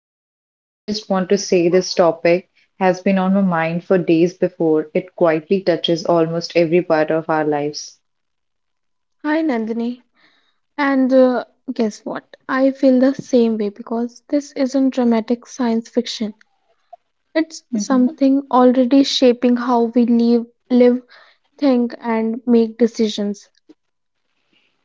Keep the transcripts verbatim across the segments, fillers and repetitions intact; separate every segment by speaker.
Speaker 1: begin, I just want to say this topic has been on my mind for days before. It quietly touches almost every part of our lives.
Speaker 2: Hi Nandini, and uh, guess what? I feel the same way because this isn't dramatic science fiction. It's
Speaker 1: Hmm
Speaker 2: something already shaping how we live, live, think, and make decisions.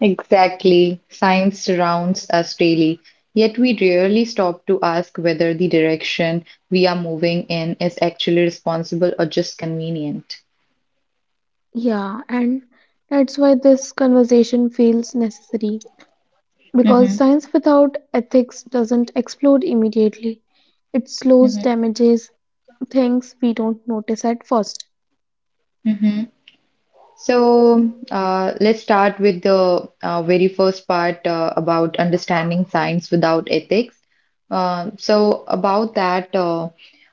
Speaker 1: Exactly. Science surrounds us daily, yet we rarely stop to ask whether the direction we are moving in is actually responsible or just convenient.
Speaker 2: Yeah, and that's why this conversation feels necessary because
Speaker 1: Hmm
Speaker 2: science without ethics doesn't explode immediately. It slows damages things we don't notice at first.
Speaker 1: hmm So uh, let's start with the uh, very first part uh, about understanding science without ethics. Um, so about that, uh,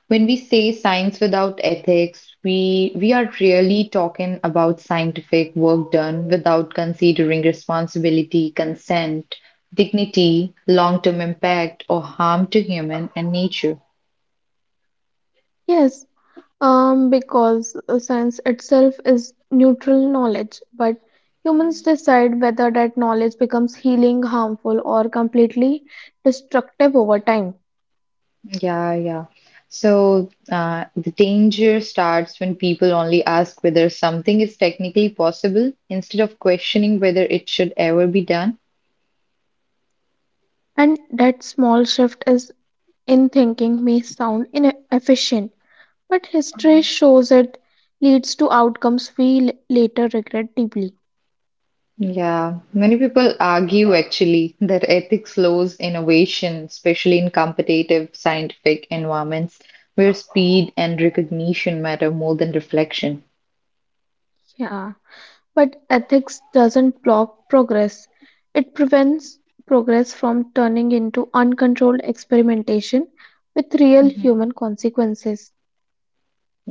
Speaker 1: when we say science without ethics, we we are really talking about scientific work done without considering responsibility, consent, dignity, long-term impact, or harm to human and nature.
Speaker 2: Yes. Um, because uh, science itself is neutral knowledge, but humans decide whether that knowledge becomes healing, harmful, or completely destructive over time.
Speaker 1: Yeah, yeah. So uh, the danger starts when people only ask whether something is technically possible instead of questioning whether it should ever be done.
Speaker 2: And that small shift is in thinking may sound inefficient, but history shows it leads to outcomes we l- later regret deeply.
Speaker 1: Yeah, many people argue actually that ethics slows innovation, especially in competitive scientific environments where speed and recognition matter more than reflection.
Speaker 2: Yeah. But ethics doesn't block progress, it prevents progress from turning into uncontrolled experimentation with real human consequences.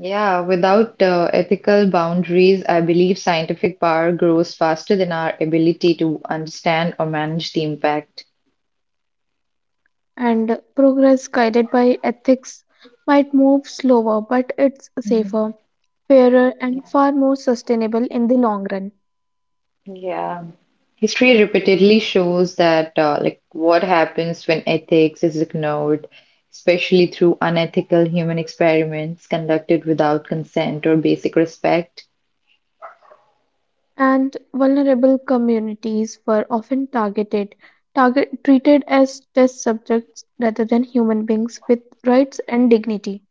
Speaker 1: Yeah, without uh, ethical boundaries, I believe scientific power grows faster than our ability to understand or manage the impact.
Speaker 2: And progress guided by ethics might move slower, but it's safer,
Speaker 1: Mhm.
Speaker 2: fairer, and
Speaker 1: Yeah.
Speaker 2: far more sustainable in the long run.
Speaker 1: Yeah. History repeatedly shows that uh, like what happens when ethics is ignored, especially through unethical human experiments conducted without consent or basic respect.
Speaker 2: And vulnerable communities were often targeted, target, treated as test subjects rather than human beings with rights and dignity.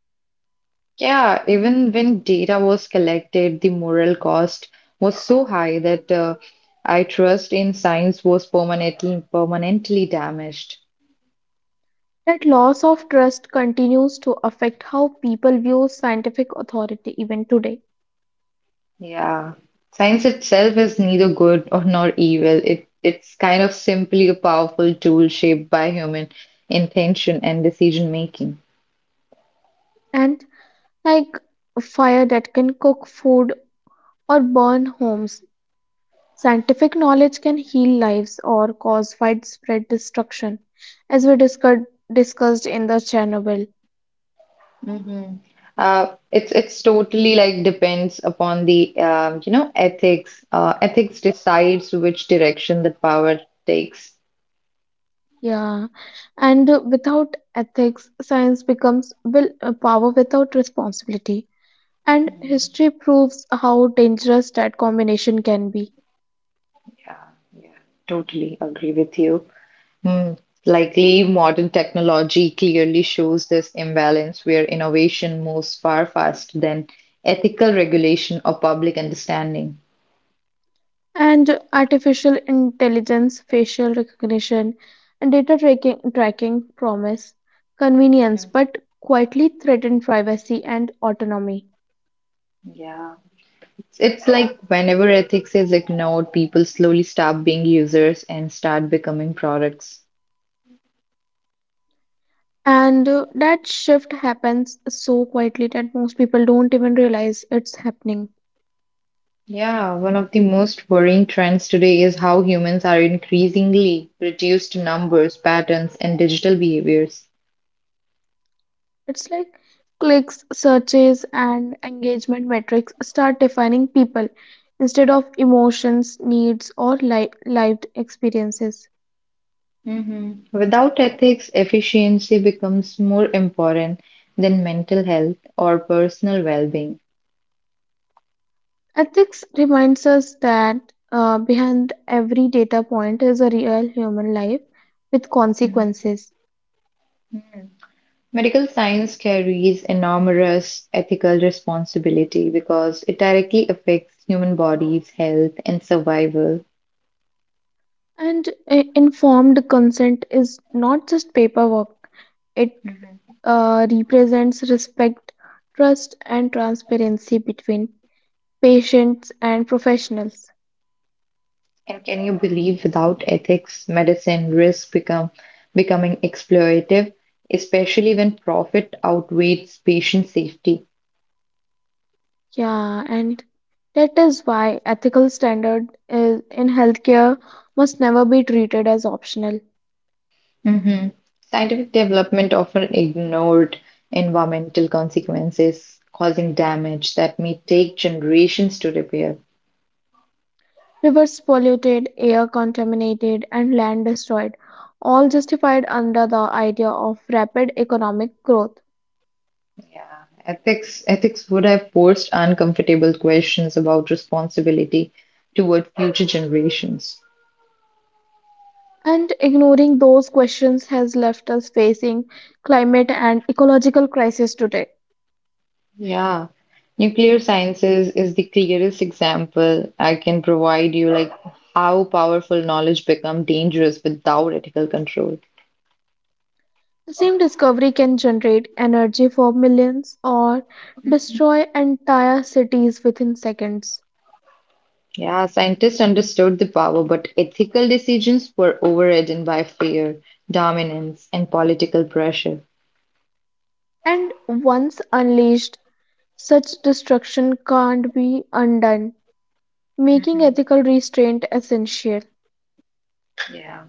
Speaker 1: Yeah, even when data was collected, the moral cost was so high that uh, I trust in science was permanently permanently damaged.
Speaker 2: That loss of trust continues to affect how people view scientific authority even today.
Speaker 1: Yeah, science itself is neither good or nor evil. It it's kind of simply a powerful tool shaped by human intention and decision making.
Speaker 2: And like a fire that can cook food or burn homes, scientific knowledge can heal lives or cause widespread destruction, as we discussed discussed in the Chernobyl.
Speaker 1: Mm-hmm. Uh, it's it's totally like depends upon the um, you know ethics. Uh, ethics decides which direction the power takes.
Speaker 2: Yeah, and uh, without ethics, science becomes will uh, power without responsibility. And history proves how dangerous that combination can be.
Speaker 1: Yeah, yeah, totally agree with you. Hmm. Likely, modern technology clearly shows this imbalance where innovation moves far faster than ethical regulation or public understanding.
Speaker 2: And artificial intelligence, facial recognition, and data tracking, tracking promise convenience
Speaker 1: Mhm.
Speaker 2: but quietly threaten privacy and autonomy.
Speaker 1: Yeah. It's it's like whenever ethics is ignored, people slowly stop being users and start becoming products.
Speaker 2: And uh, That shift happens so quietly that most people don't even realize it's happening.
Speaker 1: Yeah, one of the most worrying trends today is how humans are increasingly reduced to numbers, patterns, and digital behaviors.
Speaker 2: It's like clicks, searches, and engagement metrics start defining people instead of emotions, needs, or li- lived experiences.
Speaker 1: Hmm Without ethics, efficiency becomes more important than mental health or personal well being.
Speaker 2: Ethics reminds us that uh, behind every data point is a real human life with
Speaker 1: Mhm.
Speaker 2: consequences.
Speaker 1: Medical science carries enormous ethical responsibility because it directly affects human bodies' health and survival.
Speaker 2: And uh, informed consent is not just paperwork, it
Speaker 1: Mhm.
Speaker 2: uh, represents respect, trust, and transparency between patients and professionals.
Speaker 1: And can you believe without ethics, medicine risks become becoming exploitative, especially when profit outweighs patient safety?
Speaker 2: Yeah, and that is why ethical standard is in healthcare must never be treated as optional.
Speaker 1: Hmm Scientific development often ignored environmental consequences, causing damage that may take generations to repair.
Speaker 2: Rivers polluted, air contaminated, and land destroyed, all justified under the idea of rapid economic growth.
Speaker 1: Yeah, Ethics, ethics would have forced uncomfortable questions about responsibility toward future generations.
Speaker 2: And ignoring those questions has left us facing climate and ecological crisis today.
Speaker 1: Yeah, nuclear sciences is the clearest example I can provide you, like how powerful knowledge become dangerous without ethical control.
Speaker 2: The same discovery can generate energy for millions or destroy entire cities within seconds.
Speaker 1: Yeah, scientists understood the power, but ethical decisions were overridden by fear, dominance, and political pressure.
Speaker 2: And once unleashed, such destruction can't be undone, making
Speaker 1: Hmm
Speaker 2: ethical restraint essential.
Speaker 1: Yeah.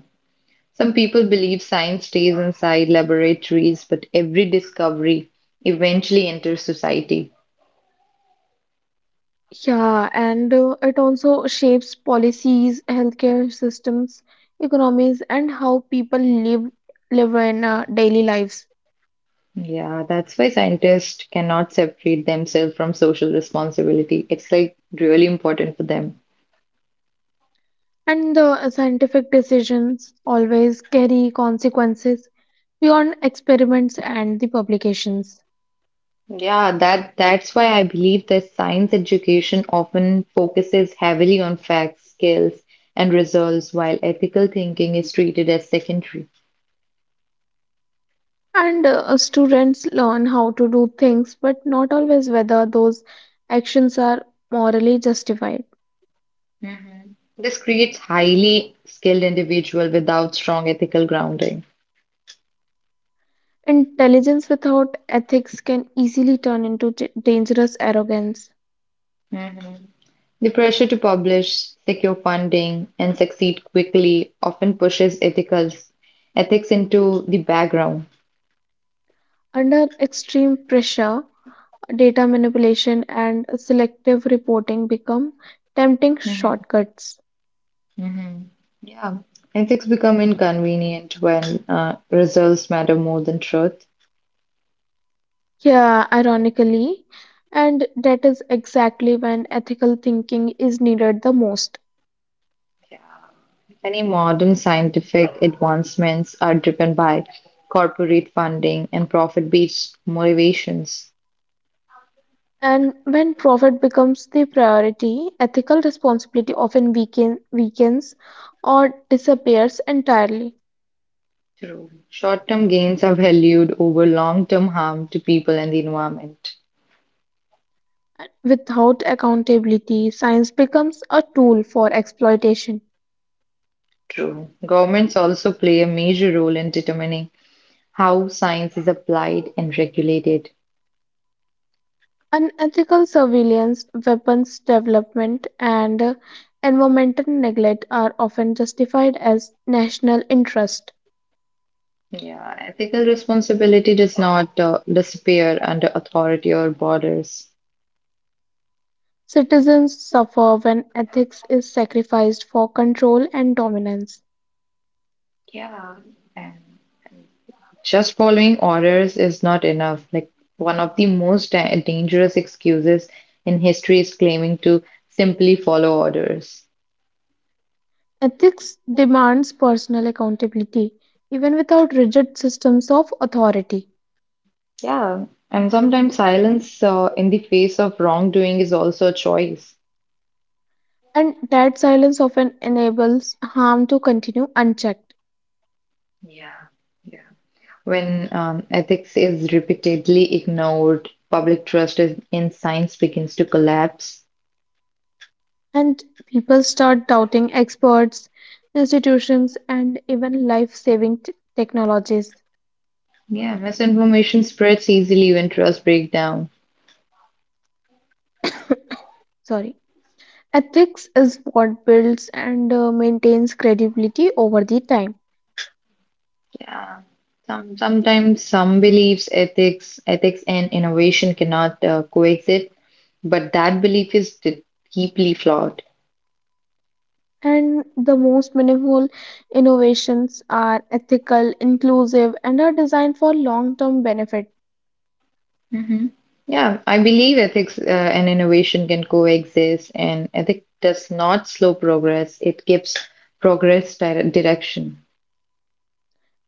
Speaker 1: Some people believe science stays inside laboratories, but every discovery eventually enters society.
Speaker 2: Yeah, and uh, it also shapes policies, healthcare systems, economies, and how people live live in uh, daily lives.
Speaker 1: Yeah, that's why scientists cannot separate themselves from social responsibility. It's like really important for them.
Speaker 2: And the scientific decisions always carry consequences beyond experiments and the publications.
Speaker 1: Yeah, that that's why I believe that science education often focuses heavily on facts, skills, and results, while ethical thinking is treated as secondary.
Speaker 2: And uh, students learn how to do things, but not always whether those actions are morally justified.
Speaker 1: Mhm. This creates highly skilled individual without strong ethical grounding.
Speaker 2: Intelligence without ethics can easily turn into j- dangerous arrogance.
Speaker 1: Mhm. The pressure to publish, secure funding, and succeed quickly often pushes ethical ethics into the background.
Speaker 2: Under extreme pressure, data manipulation and selective reporting become tempting shortcuts.
Speaker 1: Hmm Yeah. Ethics become inconvenient when uh, results matter more than truth.
Speaker 2: Yeah, ironically, and that is exactly when ethical thinking is needed the most.
Speaker 1: Many modern scientific advancements are driven by corporate funding and profit based motivations.
Speaker 2: And when profit becomes the priority, ethical responsibility often weaken, weakens or disappears entirely.
Speaker 1: True. Short term gains are valued over long term harm to people and the environment.
Speaker 2: Without accountability, science becomes a tool for exploitation.
Speaker 1: True. Governments also play a major role in determining how science is applied and regulated.
Speaker 2: Unethical surveillance, weapons development, and environmental neglect are often justified as national interest.
Speaker 1: Yeah, ethical responsibility does not uh, disappear under authority or borders.
Speaker 2: Citizens suffer when ethics is sacrificed for control and dominance.
Speaker 1: Yeah. And just following orders is not enough. Like one of the most da- dangerous excuses in history is claiming to simply follow orders.
Speaker 2: Ethics demands personal accountability, even without rigid systems of authority,
Speaker 1: Yeah, and sometimes silence uh, in the face of wrongdoing is also a choice.
Speaker 2: and that silence often enables harm to continue unchecked.
Speaker 1: Yeah. Yeah. When um, ethics is repeatedly ignored, public trust is- in science begins to collapse.
Speaker 2: And people start doubting experts, institutions, and even life saving technologies.
Speaker 1: Yeah, misinformation spreads easily when trust breaks down.
Speaker 2: Sorry. Ethics is what builds and uh, maintains credibility over the time.
Speaker 1: Yeah. Some, sometimes some beliefs, ethics, ethics and innovation cannot uh, coexist, but that belief is d- deeply flawed.
Speaker 2: And the most meaningful innovations are ethical, inclusive, and are designed for long term benefit.
Speaker 1: Hmm Yeah, I believe ethics uh, and innovation can coexist, and ethic does not slow progress. It gives progress dire- direction.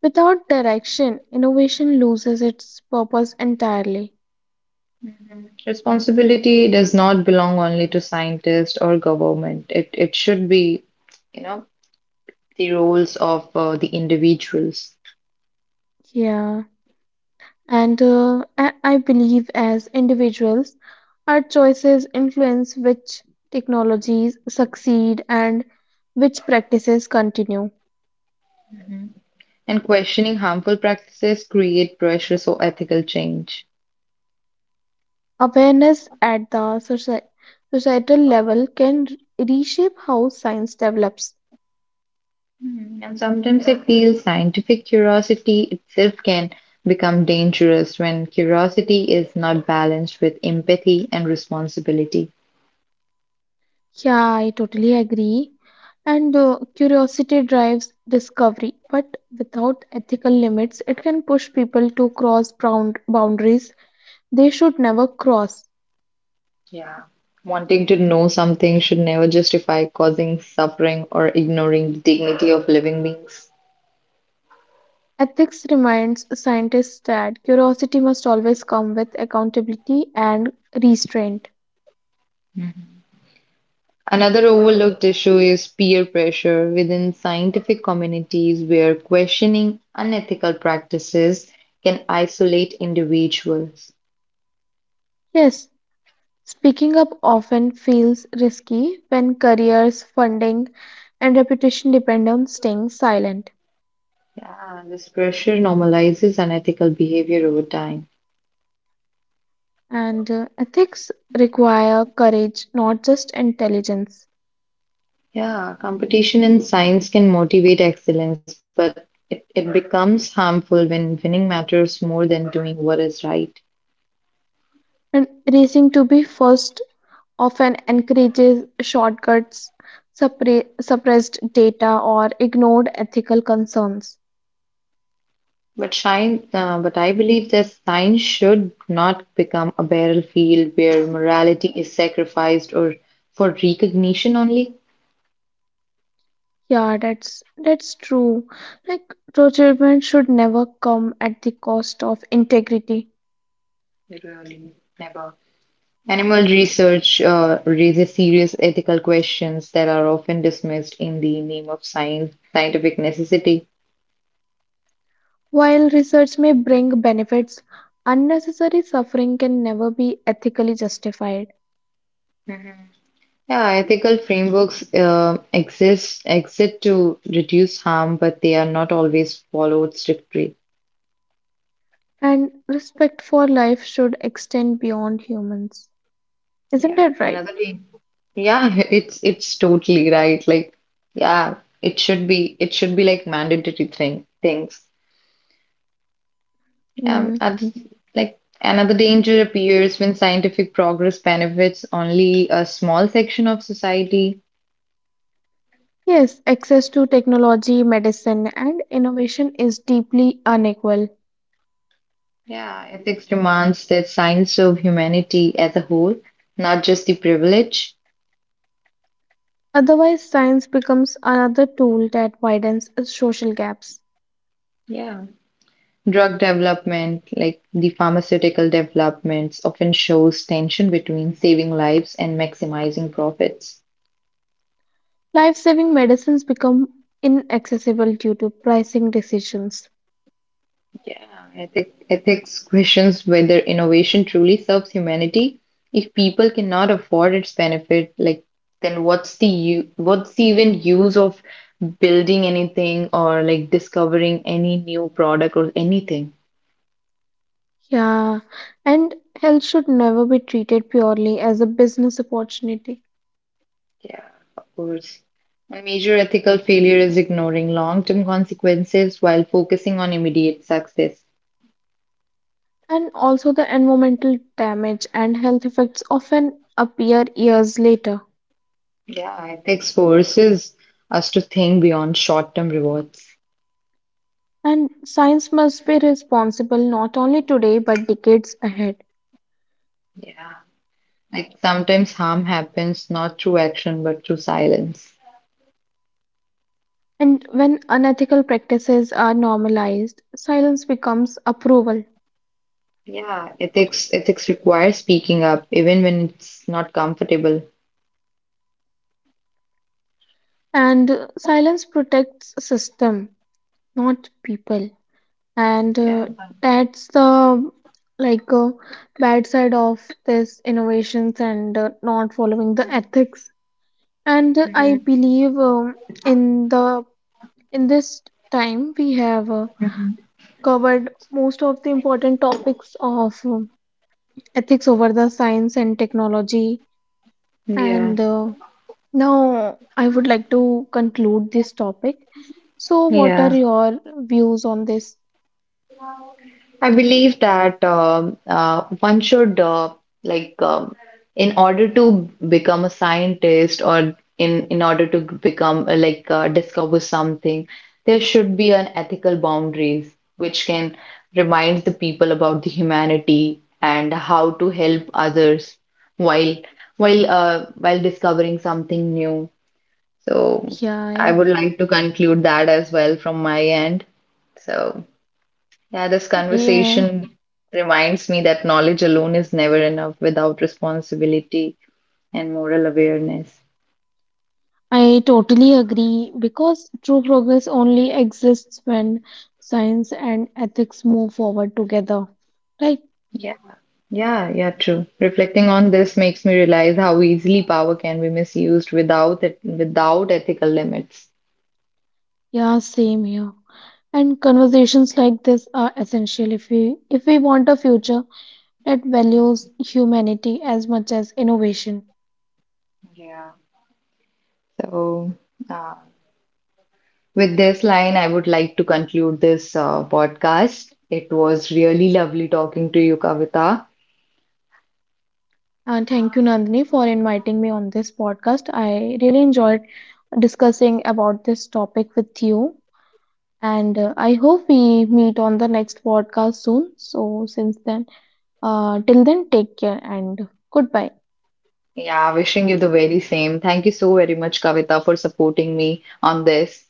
Speaker 2: Without direction, innovation loses its purpose entirely.
Speaker 1: Mhm. Responsibility does not belong only to scientists or government. It it should be, you know, the roles of uh, the individuals,
Speaker 2: Yeah. And uh, I I believe as individuals, our choices influence which technologies succeed and which practices continue.
Speaker 1: Mhm. and questioning harmful practices create pressures for ethical change.
Speaker 2: Awareness at the soci societal level can r- reshape how science develops.
Speaker 1: Mhm. And sometimes I feel scientific curiosity itself can become dangerous when curiosity is not balanced with empathy and responsibility.
Speaker 2: Yeah, I totally agree. And uh, curiosity drives discovery, but without ethical limits, it can push people to cross bound boundaries they should never cross.
Speaker 1: Yeah. Wanting to know something should never justify causing suffering or ignoring the dignity of living beings.
Speaker 2: Ethics reminds scientists that curiosity must always come with accountability and restraint.
Speaker 1: Another overlooked issue is peer pressure within scientific communities where questioning unethical practices can isolate individuals.
Speaker 2: Yes, speaking up often feels risky when careers, funding, and reputation depend on staying silent.
Speaker 1: Yeah, this pressure normalizes unethical behavior over time.
Speaker 2: And uh, ethics require courage, not just intelligence.
Speaker 1: Yeah, competition in science can motivate excellence, but it, it becomes harmful when winning matters more than doing what is right.
Speaker 2: And racing to be first often encourages shortcuts, suppre- suppressed data, or ignored ethical concerns.
Speaker 1: But shine, uh, but I believe that science should not become a battlefield where morality is sacrificed or for recognition only.
Speaker 2: Yeah, that's that's true. Like procurement should never come at the cost of integrity.
Speaker 1: Really, never. Animal research uh, raises serious ethical questions that are often dismissed in the name of science, scientific necessity.
Speaker 2: While research may bring benefits, unnecessary suffering can never be ethically justified.
Speaker 1: Mhm. Yeah, ethical frameworks uh, exist exist to reduce harm, but they are not always followed strictly.
Speaker 2: And respect for life should extend beyond humans. Isn't
Speaker 1: Yeah.
Speaker 2: that right?
Speaker 1: Another yeah, it's it's totally right. Like, yeah, it should be it should be like mandatory thing things. Um,
Speaker 2: Hmm.
Speaker 1: other, like another danger appears when scientific progress benefits only a small section of society.
Speaker 2: Yes, access to technology, medicine, and innovation is deeply unequal.
Speaker 1: Yeah, ethics demands that science serve humanity as a whole, not just the privileged.
Speaker 2: Otherwise, science becomes another tool that widens social gaps.
Speaker 1: Yeah. Drug development, like the pharmaceutical developments, often shows tension between saving lives and maximizing profits.
Speaker 2: Life-saving medicines become inaccessible due to pricing decisions.
Speaker 1: Yeah, ethic, ethics questions whether innovation truly serves humanity. If people cannot afford its benefit, like then what's the u- what's the even use of building anything or like discovering any new product or anything?
Speaker 2: Yeah, and health should never be treated purely as a business opportunity.
Speaker 1: Yeah, of course. A major ethical failure is ignoring long-term consequences while focusing on immediate success.
Speaker 2: And also, the environmental damage and health effects often appear years later.
Speaker 1: Yeah, ethics forces us to think beyond short-term rewards.
Speaker 2: And science must be responsible not only today but decades ahead.
Speaker 1: Yeah. Like sometimes harm happens not through action but through silence.
Speaker 2: And when unethical practices are normalized, silence becomes approval.
Speaker 1: Yeah, ethics ethics requires speaking up even when it's not comfortable.
Speaker 2: And silence protects system, not people. And uh,
Speaker 1: Yeah.
Speaker 2: that's the like uh, bad side of this innovations and uh, not following the ethics and uh, I
Speaker 1: Mhm.
Speaker 2: believe um, in the in this time we have uh,
Speaker 1: Mhm.
Speaker 2: covered most of the important topics of um, ethics over the science and technology
Speaker 1: Yeah.
Speaker 2: and uh, now I would like to conclude this topic. So what are
Speaker 1: Yeah.
Speaker 2: your views on this?
Speaker 1: I believe that um, uh, one should uh, like um, in order to become a scientist or in in order to become uh, like uh, discover something, there should be an ethical boundaries which can remind the people about the humanity and how to help others while while uh, while discovering something new. So
Speaker 2: yeah
Speaker 1: I
Speaker 2: yeah
Speaker 1: would like to conclude that as well from my end. So. Yeah, this
Speaker 2: Yeah,
Speaker 1: conversation reminds me that knowledge alone is never enough without responsibility and moral awareness.
Speaker 2: I totally agree because true progress only exists when science and ethics move forward together. Right?
Speaker 1: Yeah. Yeah, yeah, true. Reflecting on this makes me realize how easily power can be misused without it, without ethical limits.
Speaker 2: Yeah, same here. And conversations like this are essential if we if we want a future that values humanity as much as innovation.
Speaker 1: Yeah. So, uh, with this line, I would like to conclude this uh, podcast. It was really lovely talking to you, Kavita.
Speaker 2: And thank you, Nandini, for inviting me on this podcast. I really enjoyed discussing about this topic with you, and uh, I hope we meet on the next podcast soon. So, since then. Uh, till then, take care and goodbye
Speaker 1: Yeah, wishing you the very same. Thank you so very much, Kavita, for supporting me on this.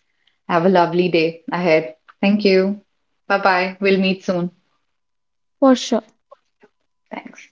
Speaker 1: Have a lovely day ahead. Thank you. Bye bye. We'll meet soon.
Speaker 2: for sure.
Speaker 1: Thanks.